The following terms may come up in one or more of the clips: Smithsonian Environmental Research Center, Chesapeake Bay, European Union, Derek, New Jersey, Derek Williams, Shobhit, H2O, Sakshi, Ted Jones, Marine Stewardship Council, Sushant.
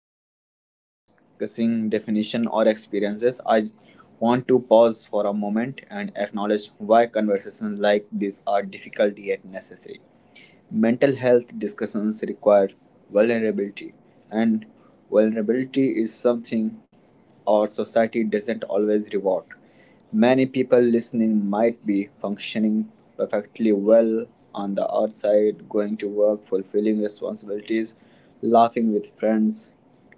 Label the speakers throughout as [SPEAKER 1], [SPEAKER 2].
[SPEAKER 1] Even begin discussing definition or experiences, I want to pause for a moment and acknowledge why conversations like this are difficult yet necessary. Mental health discussions require vulnerability, and vulnerability is something our society doesn't always reward. Many people listening might be functioning perfectly well on the outside, going to work, fulfilling responsibilities, laughing with friends,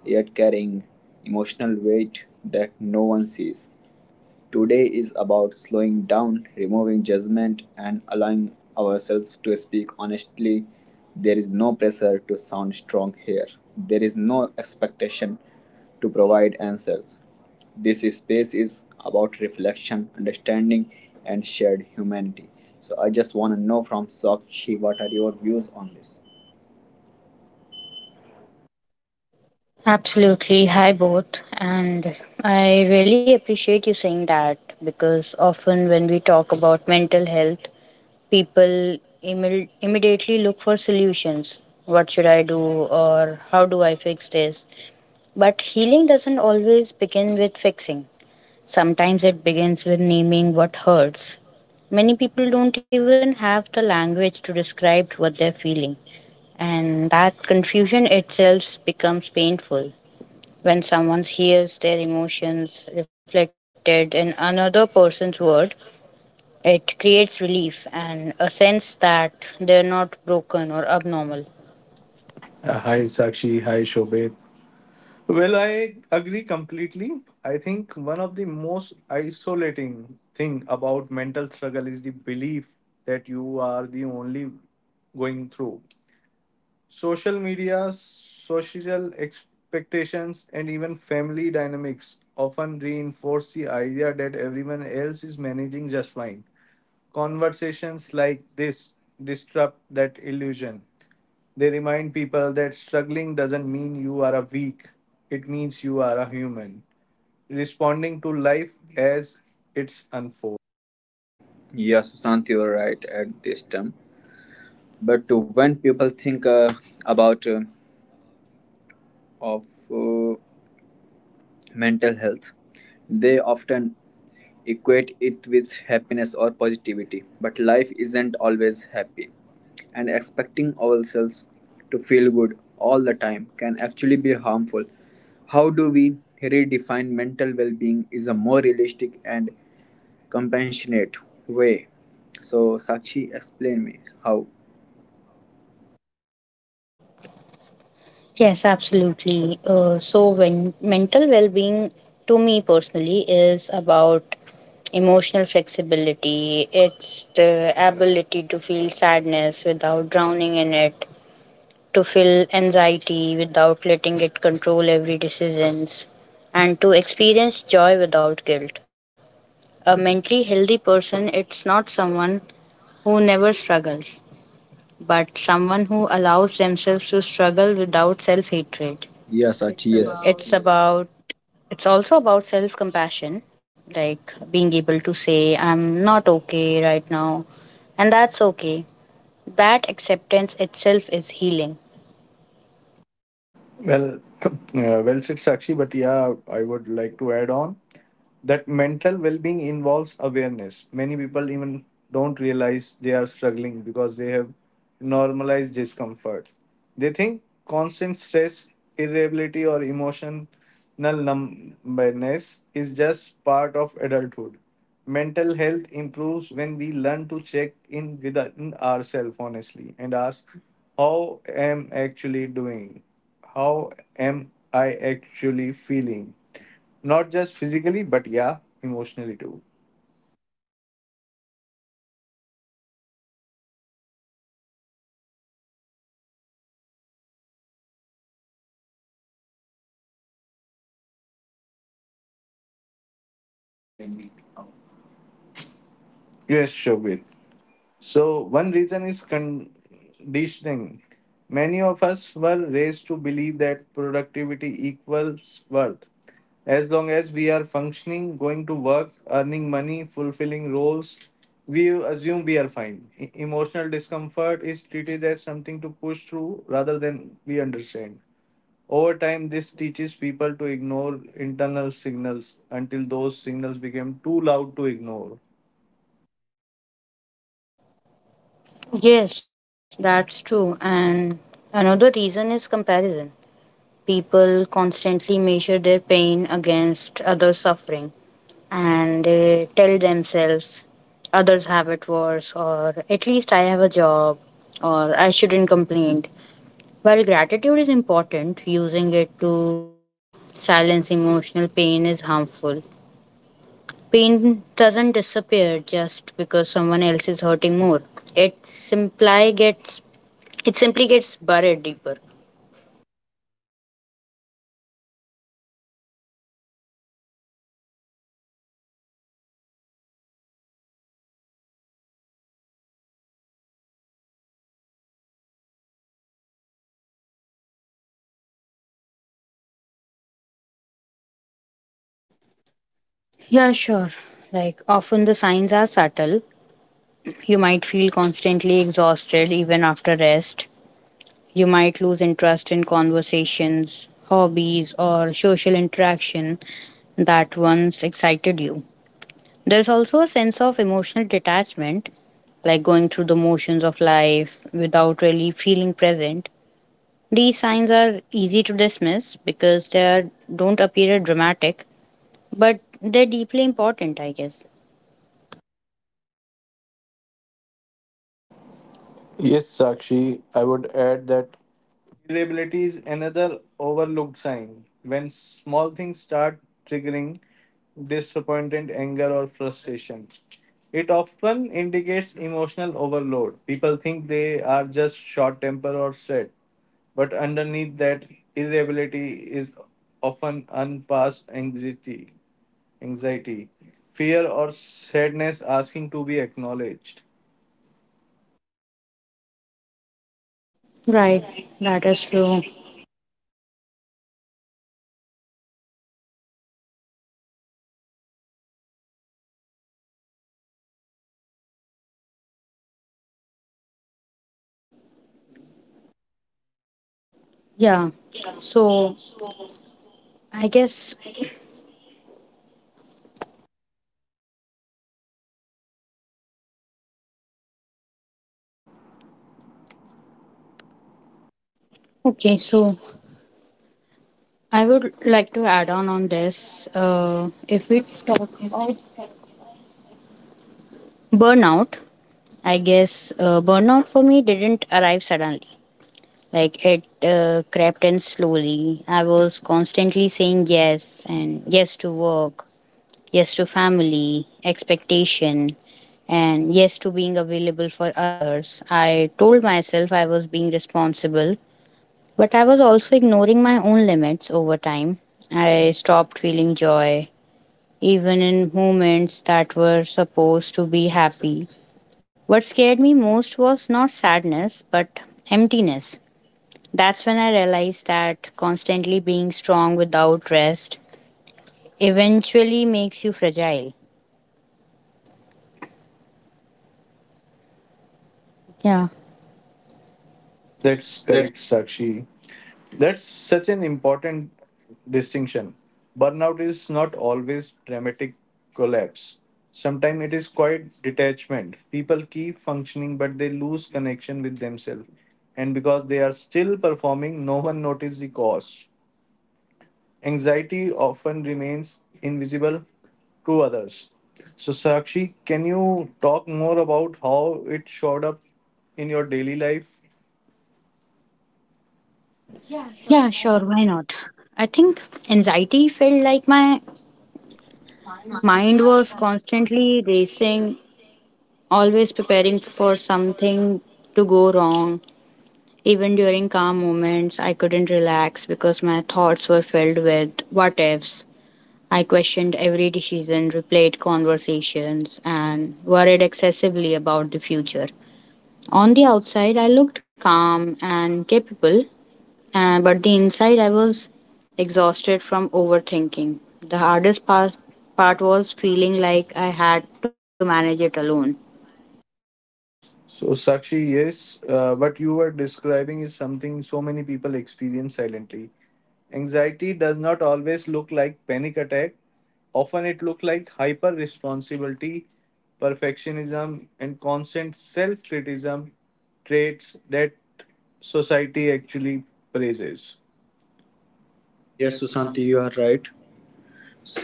[SPEAKER 1] yet carrying emotional weight that no one sees. Today is about slowing down, removing judgment, and allowing ourselves to speak honestly. There is no pressure to sound strong here. There is no expectation to provide answers. This space is about reflection, understanding, and shared humanity. So I just want to know from Sakshi, what are your views on this?
[SPEAKER 2] Absolutely. Hi, both. And I really appreciate you saying that because often when we talk about mental health, people immediately look for solutions. What should I do? Or how do I fix this? But healing doesn't always begin with fixing, sometimes it begins with naming what hurts. Many people don't even have the language to describe what they're feeling, and that confusion itself becomes painful. When someone hears their emotions reflected in another person's word, it creates relief and a sense that they're not broken or abnormal.
[SPEAKER 3] Hi, Sakshi. Hi, Shobhit. Well, I agree completely. I think one of the most isolating thing about mental struggle is the belief that you are the only going through social media, social expectations, and even family dynamics often reinforce the idea that everyone else is managing just fine. Conversations like this disrupt that illusion. They remind people that struggling doesn't mean you are a weak, it means you are a human, responding to life as it's unfolds.
[SPEAKER 1] Yes, Sushant, you're right at this term. But when people think about of uh, mental health. They often equate it with happiness or positivity, but life isn't always happy, and expecting ourselves to feel good all the time can actually be harmful. How do we redefine mental well being is a more realistic and compassionate way. So, Sakshi, explain me how.
[SPEAKER 2] Yes, absolutely. When mental well being to me personally is about emotional flexibility, it's the ability to feel sadness without drowning in it, to feel anxiety without letting it control every decisions, and to experience joy without guilt. A mentally healthy person, it's not someone who never struggles, but someone who allows themselves to struggle without self-hatred.
[SPEAKER 1] Yeah, Sakshi, yes.
[SPEAKER 2] It's about it's also about self compassion, like being able to say, I'm not okay right now, and that's okay. That acceptance itself is healing.
[SPEAKER 3] Well, well said, Sakshi, but yeah, I would like to add on, that mental well-being involves awareness. Many people even don't realize they are struggling because they have normalized discomfort. They think constant stress, irritability, or emotional numbness is just part of adulthood. Mental health improves when we learn to check in within ourselves honestly and ask how am I actually doing, how am I actually feeling, not just physically, but yeah, emotionally too.
[SPEAKER 1] Yeah, so that raises an important question. Why do so many people fail to recognize that they are struggling mentally until they reach a breaking point? Sushant, explain me how.
[SPEAKER 3] Yes, Shobhit. So, one reason is conditioning. Many of us were raised to believe that productivity equals worth. As long as we are functioning, going to work, earning money, fulfilling roles, we assume we are fine. Emotional discomfort is treated as something to push through rather than we understand. Over time, this teaches people to ignore internal signals until those signals become too loud to ignore.
[SPEAKER 2] Yes, that's true. And another reason is comparison. People constantly measure their pain against others' suffering, and they tell themselves others have it worse, or at least I have a job, or I shouldn't complain. While gratitude is important, using it to silence emotional pain is harmful. Pain doesn't disappear just because someone else is hurting more. It simply gets buried deeper.
[SPEAKER 1] Yes, Akshi. So let's talk more about early warning signs, the quiet indicators that something isn't right mentally. What do these look like in everyday life, Sakshi? Please explain me.
[SPEAKER 2] Yeah, sure. Like, often the signs are subtle. You might feel constantly exhausted even after rest. You might lose interest in conversations, hobbies, or social interaction that once excited you. There's also a sense of emotional detachment, like going through the motions of life without really feeling present. These signs are easy to dismiss because they are, don't appear dramatic, but they're deeply important, I guess.
[SPEAKER 3] Yes, Sakshi, I would add that irritability is another overlooked sign. When small things start triggering disappointment, anger, or frustration, it often indicates emotional overload. People think they are just short tempered or sad, but underneath that, irritability is often unpassed anxiety, anxiety, fear, or sadness asking to be acknowledged.
[SPEAKER 2] Right, that is true.
[SPEAKER 1] Yeah,
[SPEAKER 2] Yeah. So I guess okay. So I would like to add on this. If we talk about burnout, I guess burnout for me didn't arrive suddenly. Like, it crept in slowly. I was constantly saying yes and yes to work, yes to family expectation, and yes to being available for others. I told myself I was being responsible, but I was also ignoring my own limits. Over time, I stopped feeling joy even in moments that were supposed to be happy. What scared me most was not sadness but emptiness. That's when I realized that constantly being strong without rest eventually makes you fragile. Yeah.
[SPEAKER 3] That's correct, Sakshi. That's such an important distinction. Burnout is not always dramatic collapse. Sometimes it is quite detachment. People keep functioning, but they lose connection with themselves. And because they are still performing, no one notices the cause. Anxiety often remains invisible to others. So, Sakshi, can you talk more about how it showed up in your daily life?
[SPEAKER 2] Yeah, sure, why not? I think anxiety felt like my mind was constantly racing, always preparing for something to go wrong. Even during calm moments, I couldn't relax because my thoughts were filled with what ifs. I questioned every decision, replayed conversations, and worried excessively about the future. On the outside, I looked calm and capable, and but the inside I was exhausted from overthinking. The hardest part was feeling like I had to manage it alone.
[SPEAKER 3] So, Sakshi, yes, what you were describing is something so many people experience silently. Anxiety does not always look like panic attack. Often it looks like hyper responsibility, perfectionism, and constant self criticism traits that society actually praises.
[SPEAKER 1] yes, Susanti, you are right.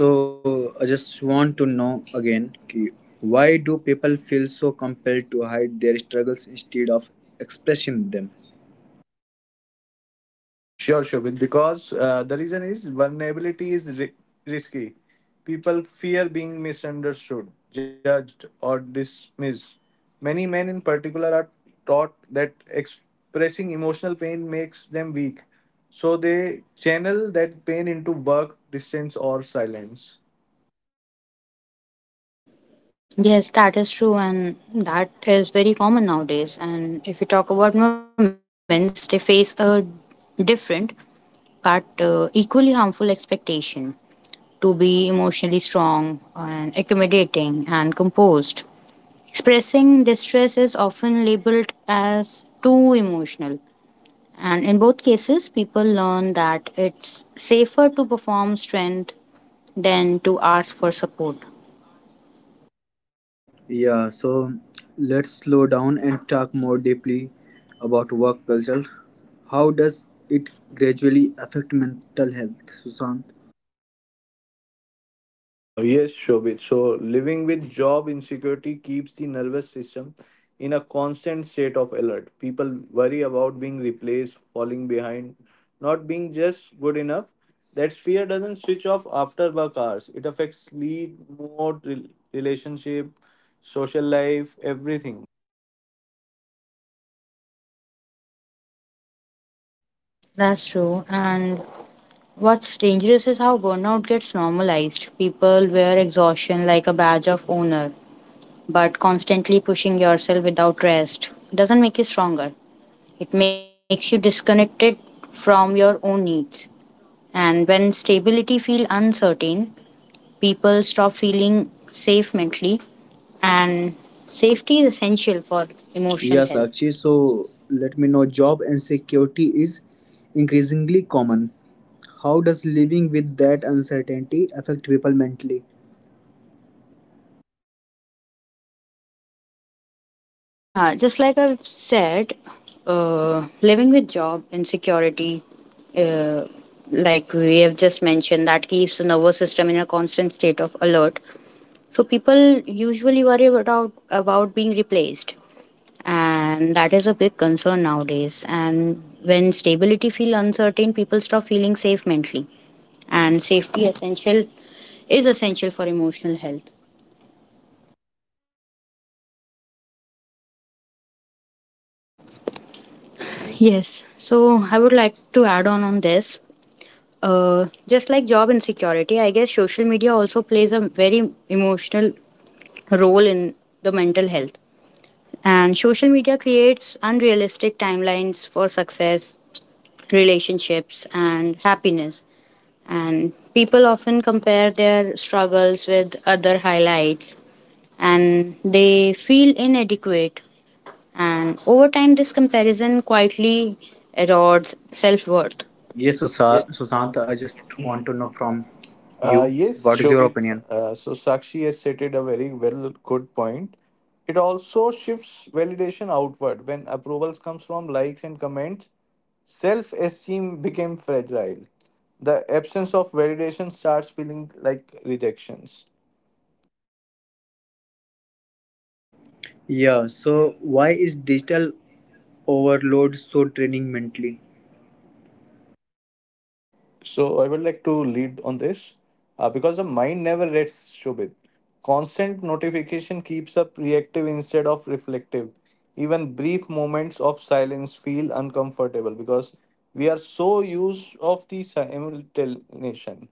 [SPEAKER 1] So I just want to know again, ki, why do people feel so compelled to hide their struggles instead of expressing them?
[SPEAKER 3] Sure, Shobhit, because the reason is risky. People fear being misunderstood, judged, or dismissed. Many men, in particular, are taught that expressing emotional pain makes them weak, so they channel that pain into work, distance, or silence.
[SPEAKER 2] Yes, that is true, and that is very common nowadays. And if we talk about moments, they face a different but equally harmful expectation to be emotionally strong and accommodating and composed. Expressing distress is often labeled as too emotional. And in both cases, people learn that it's safer to perform strength than to ask for support.
[SPEAKER 1] Yeah, so let's slow down and talk more deeply about work culture. How does it gradually affect mental health, Susan?
[SPEAKER 3] Yes, Shobit. So, living with job insecurity keeps the nervous system in a constant state of alert. People worry about being replaced, falling behind, not being just good enough. That fear doesn't switch off after work hours. It affects sleep, mood, relationship, social life, everything.
[SPEAKER 2] That's true. And what's dangerous is how burnout gets normalized. People wear exhaustion like a badge of honor, but constantly pushing yourself without rest doesn't make you stronger. It makes you disconnected from your own needs. And when stability feels uncertain, people stop feeling safe mentally, and safety is essential for emotional
[SPEAKER 1] Yes,
[SPEAKER 2] health.
[SPEAKER 1] Akshi. So let me know. Job insecurity is increasingly common. How does living with that uncertainty affect people mentally?
[SPEAKER 2] Yeah, just like I've said, living with job insecurity, uh, like we have just mentioned, that keeps the nervous system in a constant state of alert. So people usually worry about being replaced, and that is a big concern nowadays. And when stability feels uncertain, people stop feeling safe mentally, and safety essential is essential for emotional health. Yes. So I would like to add on this. Just like job insecurity, I guess social media also plays a very emotional role in the mental health. And social media creates unrealistic timelines for success, relationships, and happiness. And people often compare their struggles with other highlights, and they feel inadequate. And over time, this comparison quietly erodes self worth.
[SPEAKER 1] Yes,
[SPEAKER 3] Sa-
[SPEAKER 1] Sushant,
[SPEAKER 3] Shashank,
[SPEAKER 1] I
[SPEAKER 3] I
[SPEAKER 1] just
[SPEAKER 3] just
[SPEAKER 1] want
[SPEAKER 3] want
[SPEAKER 1] to
[SPEAKER 3] to
[SPEAKER 1] know
[SPEAKER 3] know from.
[SPEAKER 1] from you,
[SPEAKER 3] Yes,
[SPEAKER 1] what is your
[SPEAKER 3] Shobit.
[SPEAKER 1] opinion?
[SPEAKER 3] So Sakshi has stated a very well good point. It also shifts validation outward when approvals comes from likes and comments. Self-esteem became fragile. The absence of validation starts feeling like rejections.
[SPEAKER 1] Yeah, so why is digital overload so draining mentally?
[SPEAKER 3] So I would like to lead on this because the mind never rests, Shobit. Constant notification keeps up reactive instead of reflective. Even brief moments of silence feel uncomfortable because we are so used of the simultaneation.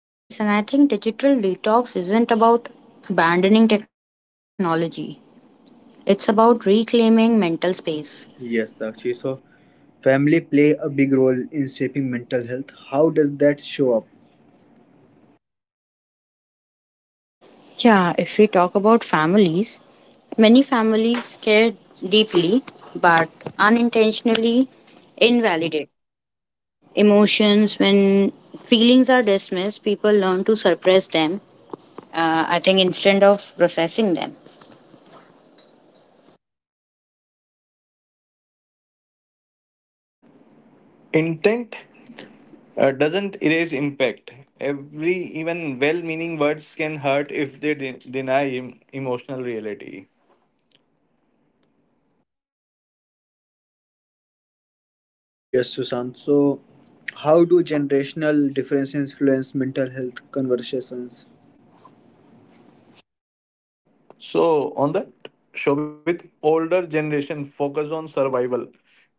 [SPEAKER 2] Yes, and I think digital detox isn't about abandoning technology, it's about reclaiming mental space.
[SPEAKER 1] Yes, actually, so family play a big role in shaping mental health. How does that show up?
[SPEAKER 2] Yeah, if we talk about families, many families care deeply but unintentionally invalidate emotions. When feelings are dismissed, people learn to suppress them, I think, instead of processing them.
[SPEAKER 3] Intent doesn't erase impact. Every even well-meaning words can hurt if they deny emotional reality.
[SPEAKER 1] Yes, Susan. So, how do generational differences influence mental health conversations?
[SPEAKER 3] So on that, Shobit, older generation focus on survival.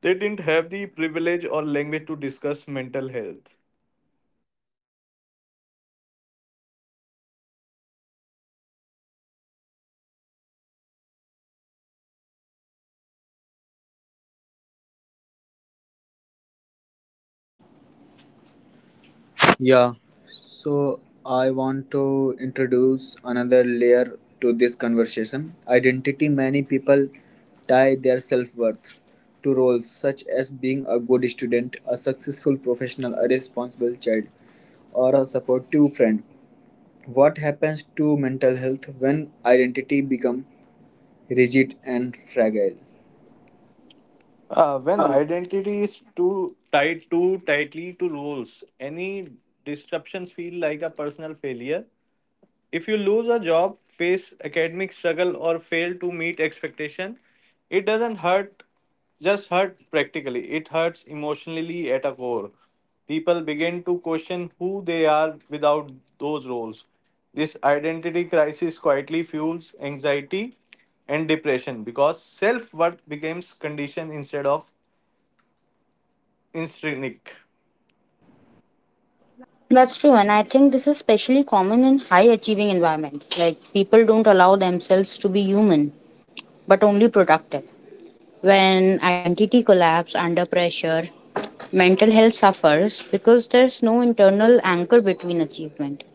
[SPEAKER 3] They didn't have the privilege or language to discuss mental health.
[SPEAKER 2] True, and understanding that helps us respond with empathy instead of blame.
[SPEAKER 1] Yeah, so I want to introduce another layer to this conversation identity. Many people tie their self worth to roles such as being a good student, a successful professional, a responsible child, or a supportive friend. What happens to mental health when identity become rigid and fragile?
[SPEAKER 3] When identity is too tied too tightly to roles, any disruptions feel like a personal failure. If you lose a job, face academic struggle, or fail to meet expectation, it doesn't hurt, just hurt practically. It hurts emotionally at a core. People begin to question who they are without those roles. This identity crisis quietly fuels anxiety and depression because self worth becomes conditioned instead of intrinsic.
[SPEAKER 2] That's true, and I think this is especially common in high achieving environments. Like, people don't allow themselves to be human, but only productive. When identity collapses under pressure, mental health suffers because there's no internal anchor between achievement.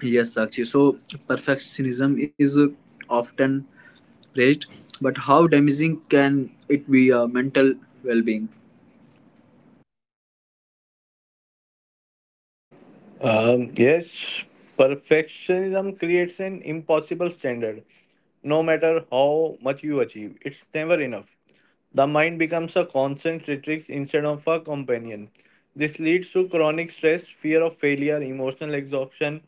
[SPEAKER 1] Yes, Sakshi. So perfectionism is often praised, but how damaging can it be a mental well-being?
[SPEAKER 3] Yes, perfectionism creates an impossible standard. No matter how much you achieve, it's never enough. The mind becomes a constant retrix instead of a companion. This leads to chronic stress, fear of failure, emotional exhaustion.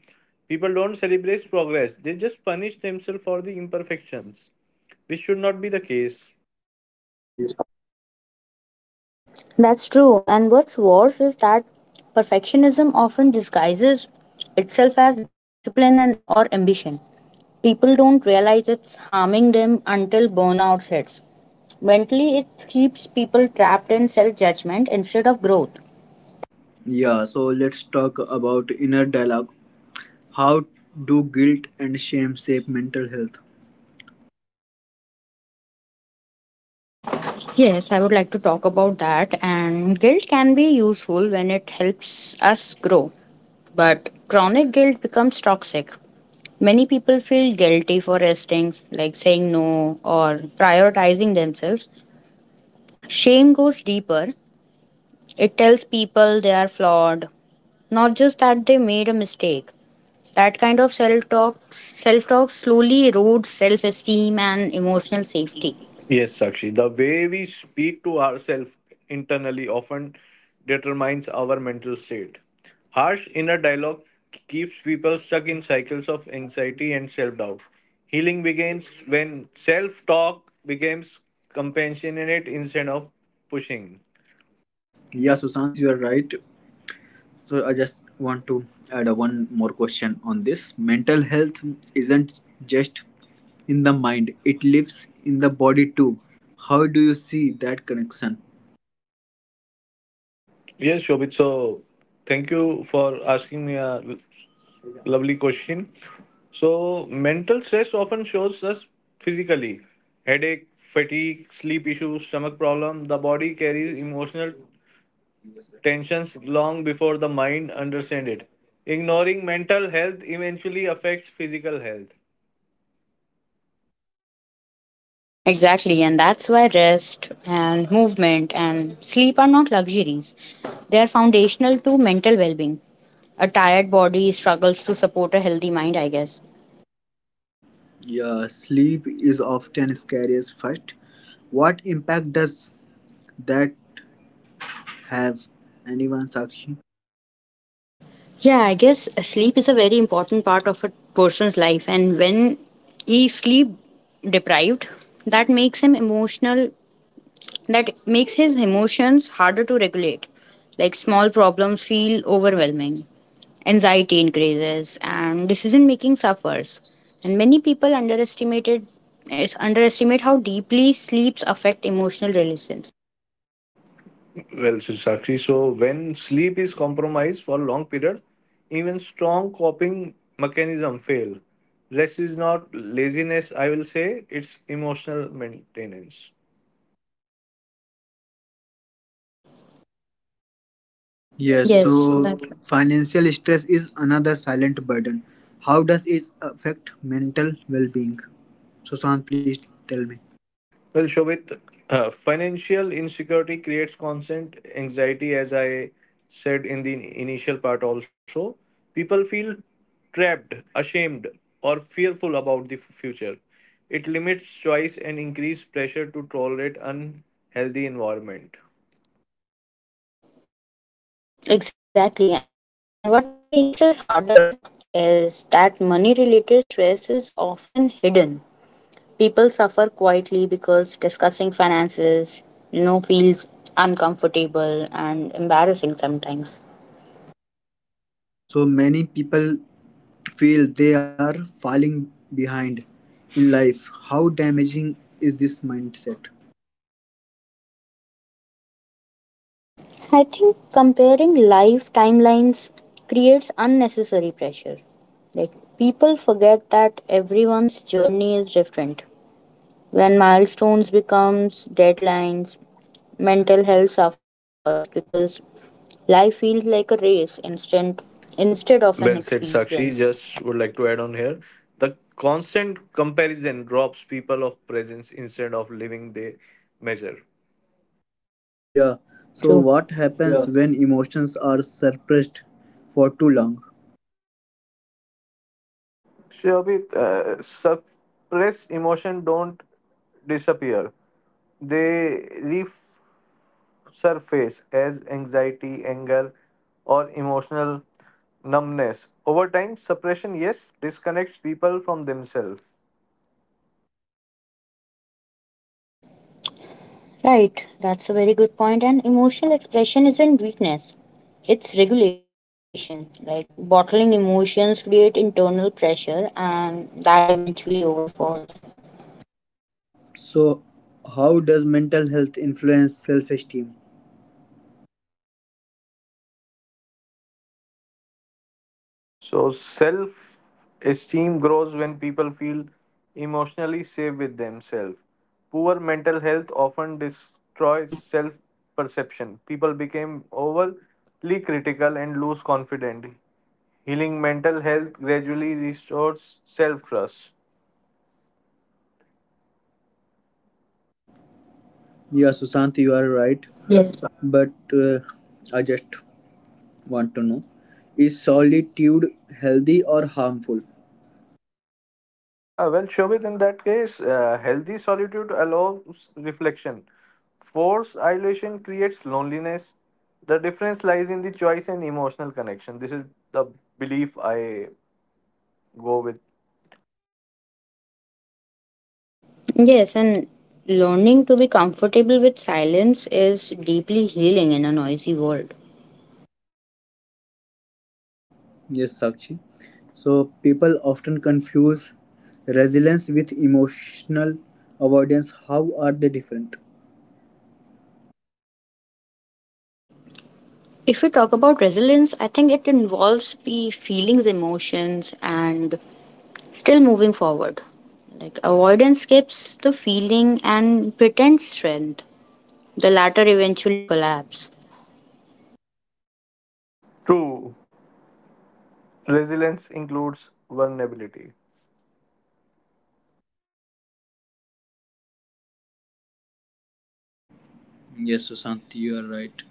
[SPEAKER 3] People don't celebrate progress, they just punish themselves for the imperfections, which should not be the case.
[SPEAKER 2] That's true. And what's worse is that perfectionism often disguises itself as discipline and or ambition. People don't realize it's harming them until burnout hits. Mentally, it keeps people trapped in self judgment instead of growth.
[SPEAKER 1] Yeah, so let's talk about inner dialogue. How do guilt and shame shape mental health?
[SPEAKER 2] Yes, I would like to talk about that. And guilt can be useful when it helps us grow, but chronic guilt becomes toxic. Many people feel guilty for resting, like saying no or prioritizing themselves. Shame goes deeper. It tells people they are flawed, not just that they made a mistake. That kind of self-talk slowly erodes self-esteem and emotional safety.
[SPEAKER 3] Yes, Sakshi. The way we speak to ourselves internally often determines our mental state. Harsh inner dialogue keeps people stuck in cycles of anxiety and self doubt. Healing begins when self talk becomes compassionate instead of pushing.
[SPEAKER 1] Yeah, Sushant, you are right. So I just want to add a one more question on this. Mental health isn't just in the mind, it lives in the body too. How do you see that connection?
[SPEAKER 3] Yes, Shobit. So, thank you for asking me lovely question. So, mental stress often shows us physically: headache, fatigue, sleep issues, stomach problem. The body carries emotional tensions long before the mind understands it. Ignoring mental health eventually affects physical health.
[SPEAKER 2] Exactly, and that's why rest and movement and sleep are not luxuries. They are foundational to mental well being. A tired body struggles to support a healthy mind, I guess.
[SPEAKER 1] Yeah, sleep is often scariest first. What impact does that have, anyone, Sakshi?
[SPEAKER 2] Yeah, I guess sleep is a very important part of a person's life, and when he sleep deprived, that makes him emotional that makes his emotions harder to regulate. Like, small problems feel overwhelming, anxiety increases, and decision making suffers. And many people underestimate how deeply sleeps affect emotional relations.
[SPEAKER 3] Well said, Sakshi, so when sleep is compromised for a long period, even strong coping mechanism fail. Rest is not laziness, I will say, it's emotional maintenance.
[SPEAKER 1] Yes, so
[SPEAKER 2] Yes, so that's
[SPEAKER 1] financial stress is another silent burden. How does it affect mental well being? Sushant, please tell me.
[SPEAKER 3] Well, Shobit, financial insecurity creates constant anxiety, as I said in the initial part also. People feel trapped, ashamed, or fearful about the future. It limits choice and increases pressure to tolerate unhealthy environment.
[SPEAKER 2] exactly. And what makes it harder is that money related stress is often hidden. People suffer quietly because discussing finances, feels uncomfortable and embarrassing sometimes.
[SPEAKER 1] So many people feel they are falling behind in life. How damaging is this mindset?
[SPEAKER 2] I think comparing life timelines creates unnecessary pressure. Like, people forget that everyone's journey is different. When milestones becomes deadlines, mental health suffers because life feels like a race instead of an
[SPEAKER 3] Well said,
[SPEAKER 2] experience.
[SPEAKER 3] Sakshi. Just would like to add on here. The constant comparison robs people of presence instead of living they measure.
[SPEAKER 1] Yeah, so
[SPEAKER 2] Right,
[SPEAKER 1] what
[SPEAKER 2] true.
[SPEAKER 1] happens when emotions are suppressed for too long?
[SPEAKER 3] Shobhit, suppressed emotion don't disappear. They resurface as anxiety, anger, or emotional numbness. Over time, suppression, yes, disconnects people from themselves.
[SPEAKER 2] Right, that's a very good point. And emotional expression isn't weakness, it's regulation. Like, bottling emotions create internal pressure, and that eventually overfalls.
[SPEAKER 1] So, how does mental health influence self esteem?
[SPEAKER 3] So self esteem grows when people feel emotionally safe with themselves. Poor mental health often destroys self perception. People become overly critical and lose confidence. Healing mental health gradually restores self trust.
[SPEAKER 1] Yeah, Sushant, you are right. But I just want to know, is solitude healthy or harmful?
[SPEAKER 3] Well, Shobit, in that case, healthy solitude allows reflection. Forced isolation creates loneliness. The difference lies in the choice and emotional connection. This is the belief I go with.
[SPEAKER 2] Yes, and learning to be comfortable with silence is deeply healing in a noisy world.
[SPEAKER 1] Yes, Sakshi. So, people often confuse resilience with emotional avoidance. How are they different?
[SPEAKER 2] If we talk about resilience, I think it involves the feelings, emotions, and still moving forward. Like, avoidance skips the feeling and pretends strength. The latter eventually collapse.
[SPEAKER 3] True, resilience includes vulnerability.
[SPEAKER 1] Yes, Sushant, you are right.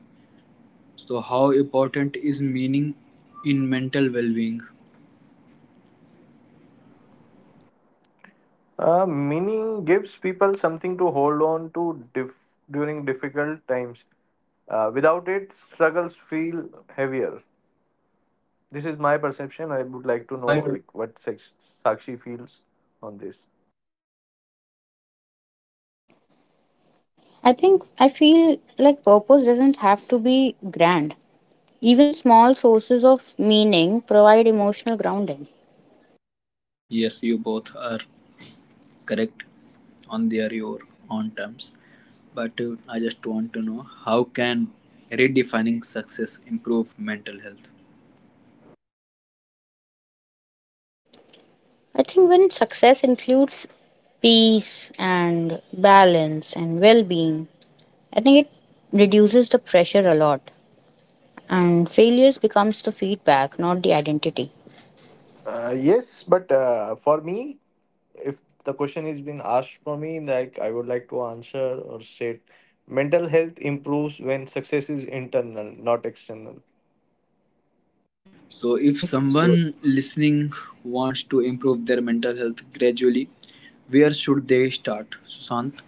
[SPEAKER 1] So, how important is meaning in mental well being?
[SPEAKER 3] Meaning gives people something to hold on to during difficult times. Without it, struggles feel heavier. This is my perception. I would like to know like what Sakshi feels on this.
[SPEAKER 2] I think I feel like purpose doesn't have to be grand. Even small sources of meaning provide emotional grounding.
[SPEAKER 1] Yes, you both are correct on their your own terms, but I just want to know, how can redefining success improve mental health?
[SPEAKER 2] I think when success includes peace and balance and well being, I think it reduces the pressure a lot. And failures becomes the feedback, not the identity.
[SPEAKER 3] Yes, but for me, if the question is been asked for me, like I would like to answer or state, mental health improves when success is internal, not external.
[SPEAKER 1] So if
[SPEAKER 2] Right.
[SPEAKER 1] someone listening wants to improve their mental health gradually, where should they start, Sushant?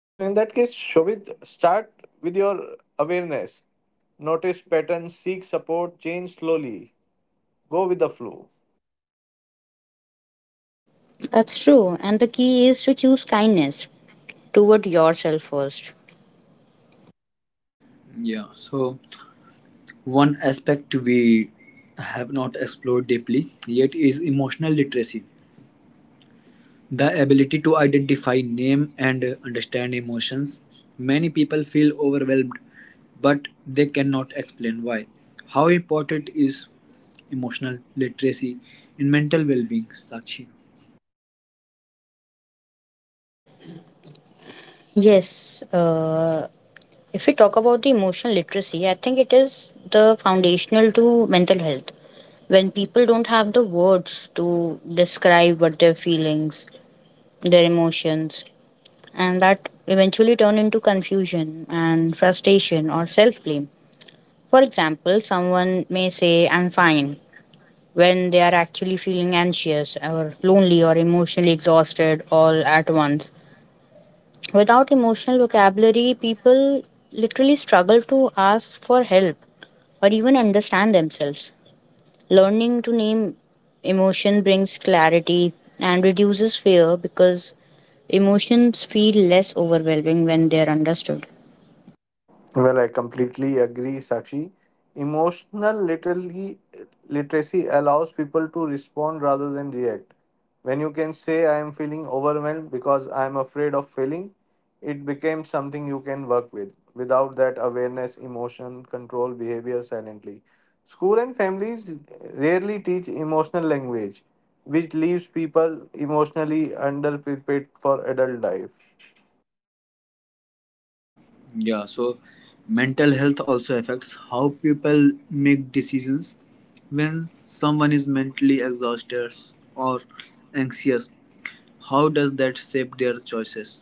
[SPEAKER 3] So in that case, Shobit, start with your awareness. Notice patterns, seek support, change slowly. Go with the flow.
[SPEAKER 2] That's true. And the key is to choose kindness toward yourself first.
[SPEAKER 1] Yeah, so one aspect we have not explored deeply yet is emotional literacy. The ability to identify, name, and understand emotions. Many people feel overwhelmed, but they cannot explain why. How important is emotional literacy in mental well being, Sakshi?
[SPEAKER 2] Yes, if we talk about the emotional literacy, I think it is the foundational to mental health. When people don't have the words to describe what their feelings, their emotions, and that eventually turn into confusion and frustration or self blame. For example, someone may say, I'm fine, when they are actually feeling anxious or lonely or emotionally exhausted all at once. Without emotional vocabulary, people literally struggle to ask for help or even understand themselves. Learning to name emotion brings clarity and reduces fear because emotions feel less overwhelming when they are understood.
[SPEAKER 3] Well, I completely agree, Sakshi. Emotional literacy, literacy allows people to respond rather than react. When you can say, I am feeling overwhelmed because I am afraid of failing, it becomes something you can work with. Without that awareness, emotion, control, behavior silently. School and families rarely teach emotional language, which leaves people emotionally underprepared for adult life.
[SPEAKER 1] Yeah, so mental health also affects how people make decisions. When someone is mentally exhausted or anxious, how does that shape their choices?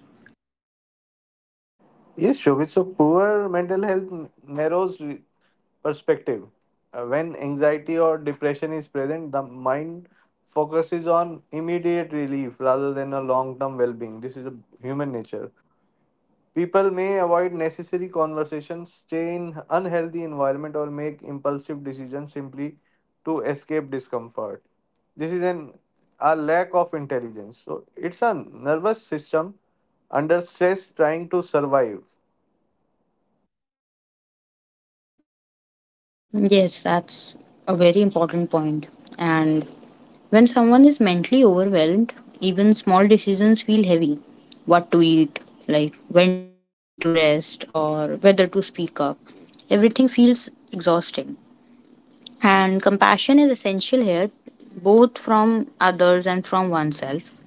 [SPEAKER 3] Yes, Shobhit. So, poor mental health narrows perspective. When anxiety or depression is present, the mind focuses on immediate relief rather than a long term well being. This is a human nature. People may avoid necessary conversations, stay in unhealthy environment, or make impulsive decisions simply to escape discomfort. This is an A lack of intelligence. So it's a nervous system under stress trying to survive.
[SPEAKER 2] Yes, that's a very important point. And when someone is mentally overwhelmed, even small decisions feel heavy. What to eat, like when to rest, or whether to speak up. Everything feels exhausting. And compassion is essential here, both from others and from oneself.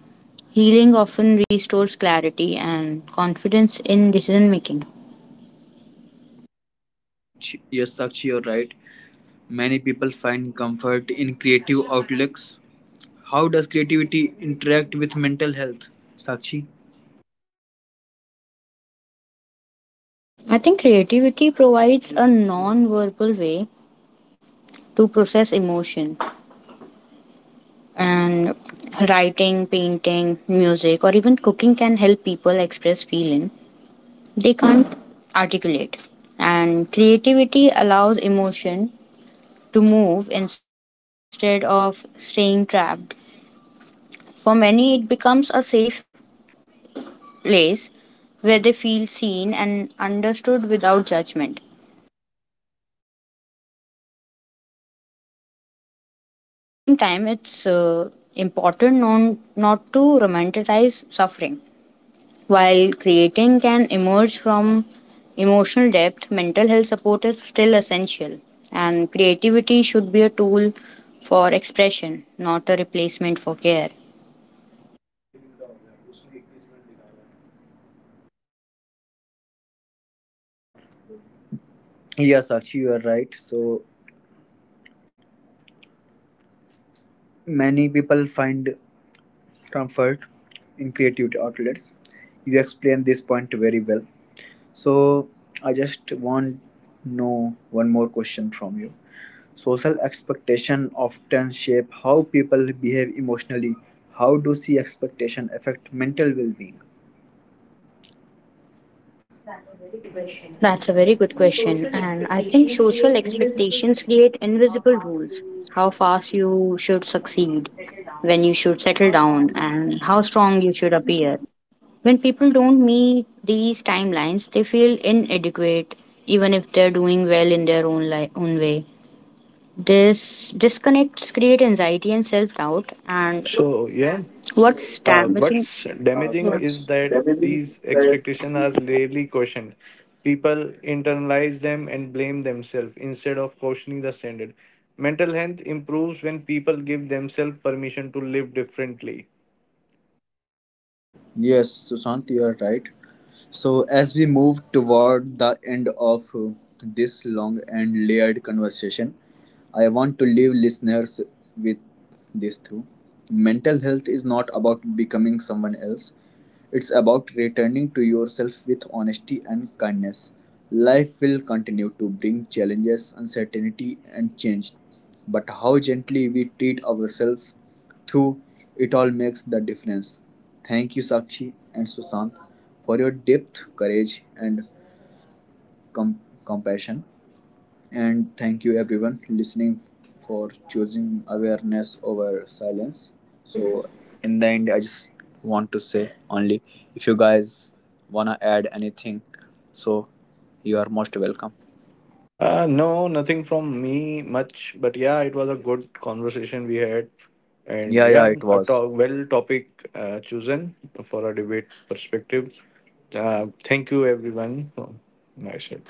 [SPEAKER 2] Healing often restores clarity and confidence in decision making.
[SPEAKER 1] Sakshi, yes, Sakshi, you're right. Many people find comfort in creative outlets. How does creativity interact with mental health? Sakshi?
[SPEAKER 2] I think creativity provides a non verbal way to process emotion, and writing, painting, music, or even cooking can help people express feeling they can't articulate. And creativity allows emotion to move instead of staying trapped. For many, it becomes a safe place where they feel seen and understood without judgment. And at the same time, it's not to romanticize suffering. While creating can emerge from emotional depth, mental health support is still essential, and creativity should be a tool for expression, not a replacement for care.
[SPEAKER 1] Yeah, Sakshi, you are right. So, many people find comfort in creative outlets. You explained this point very well. So, I just want to know one more question from you. Social expectation often shape how people behave emotionally. How do see expectation affect mental well-being?
[SPEAKER 3] Good question.
[SPEAKER 2] That's a very good question,
[SPEAKER 3] Social
[SPEAKER 2] and I think
[SPEAKER 3] expectations
[SPEAKER 2] social
[SPEAKER 3] create universal.
[SPEAKER 2] expectations create invisible rules. How fast you should succeed, when you should settle down, and how strong you should appear. When people don't meet these timelines, they feel inadequate, even if they're doing well in their own, own way. This disconnects create anxiety and self doubt, and
[SPEAKER 3] So yeah,
[SPEAKER 2] what's damaging?
[SPEAKER 3] what's damaging is that these
[SPEAKER 2] Yeah.
[SPEAKER 3] expectations are rarely questioned. People internalize them and blame themselves instead of questioning the standard. Mental health improves when people give themselves permission to live differently.
[SPEAKER 1] Yes, Sushant, you are right. So, as we move toward the end of this long and layered conversation, I want to leave listeners with this through. Mental health is not about becoming someone else, it's about returning to yourself with honesty and kindness. Life will continue to bring challenges, uncertainty, and change, but how gently we treat ourselves through it all makes the difference. Thank you, Sakshi and Sushant, for your depth, courage, and com- compassion. And thank you, everyone, listening for choosing awareness over silence. So, in the end, I just want to say only if you guys wanna add anything, so you are most welcome.
[SPEAKER 3] No, nothing from me much, but yeah, it was a good conversation we had, and
[SPEAKER 1] Yeah, yeah,
[SPEAKER 3] yeah,
[SPEAKER 1] it was.
[SPEAKER 3] well topic chosen for a debate perspective. Thank you, everyone. I said.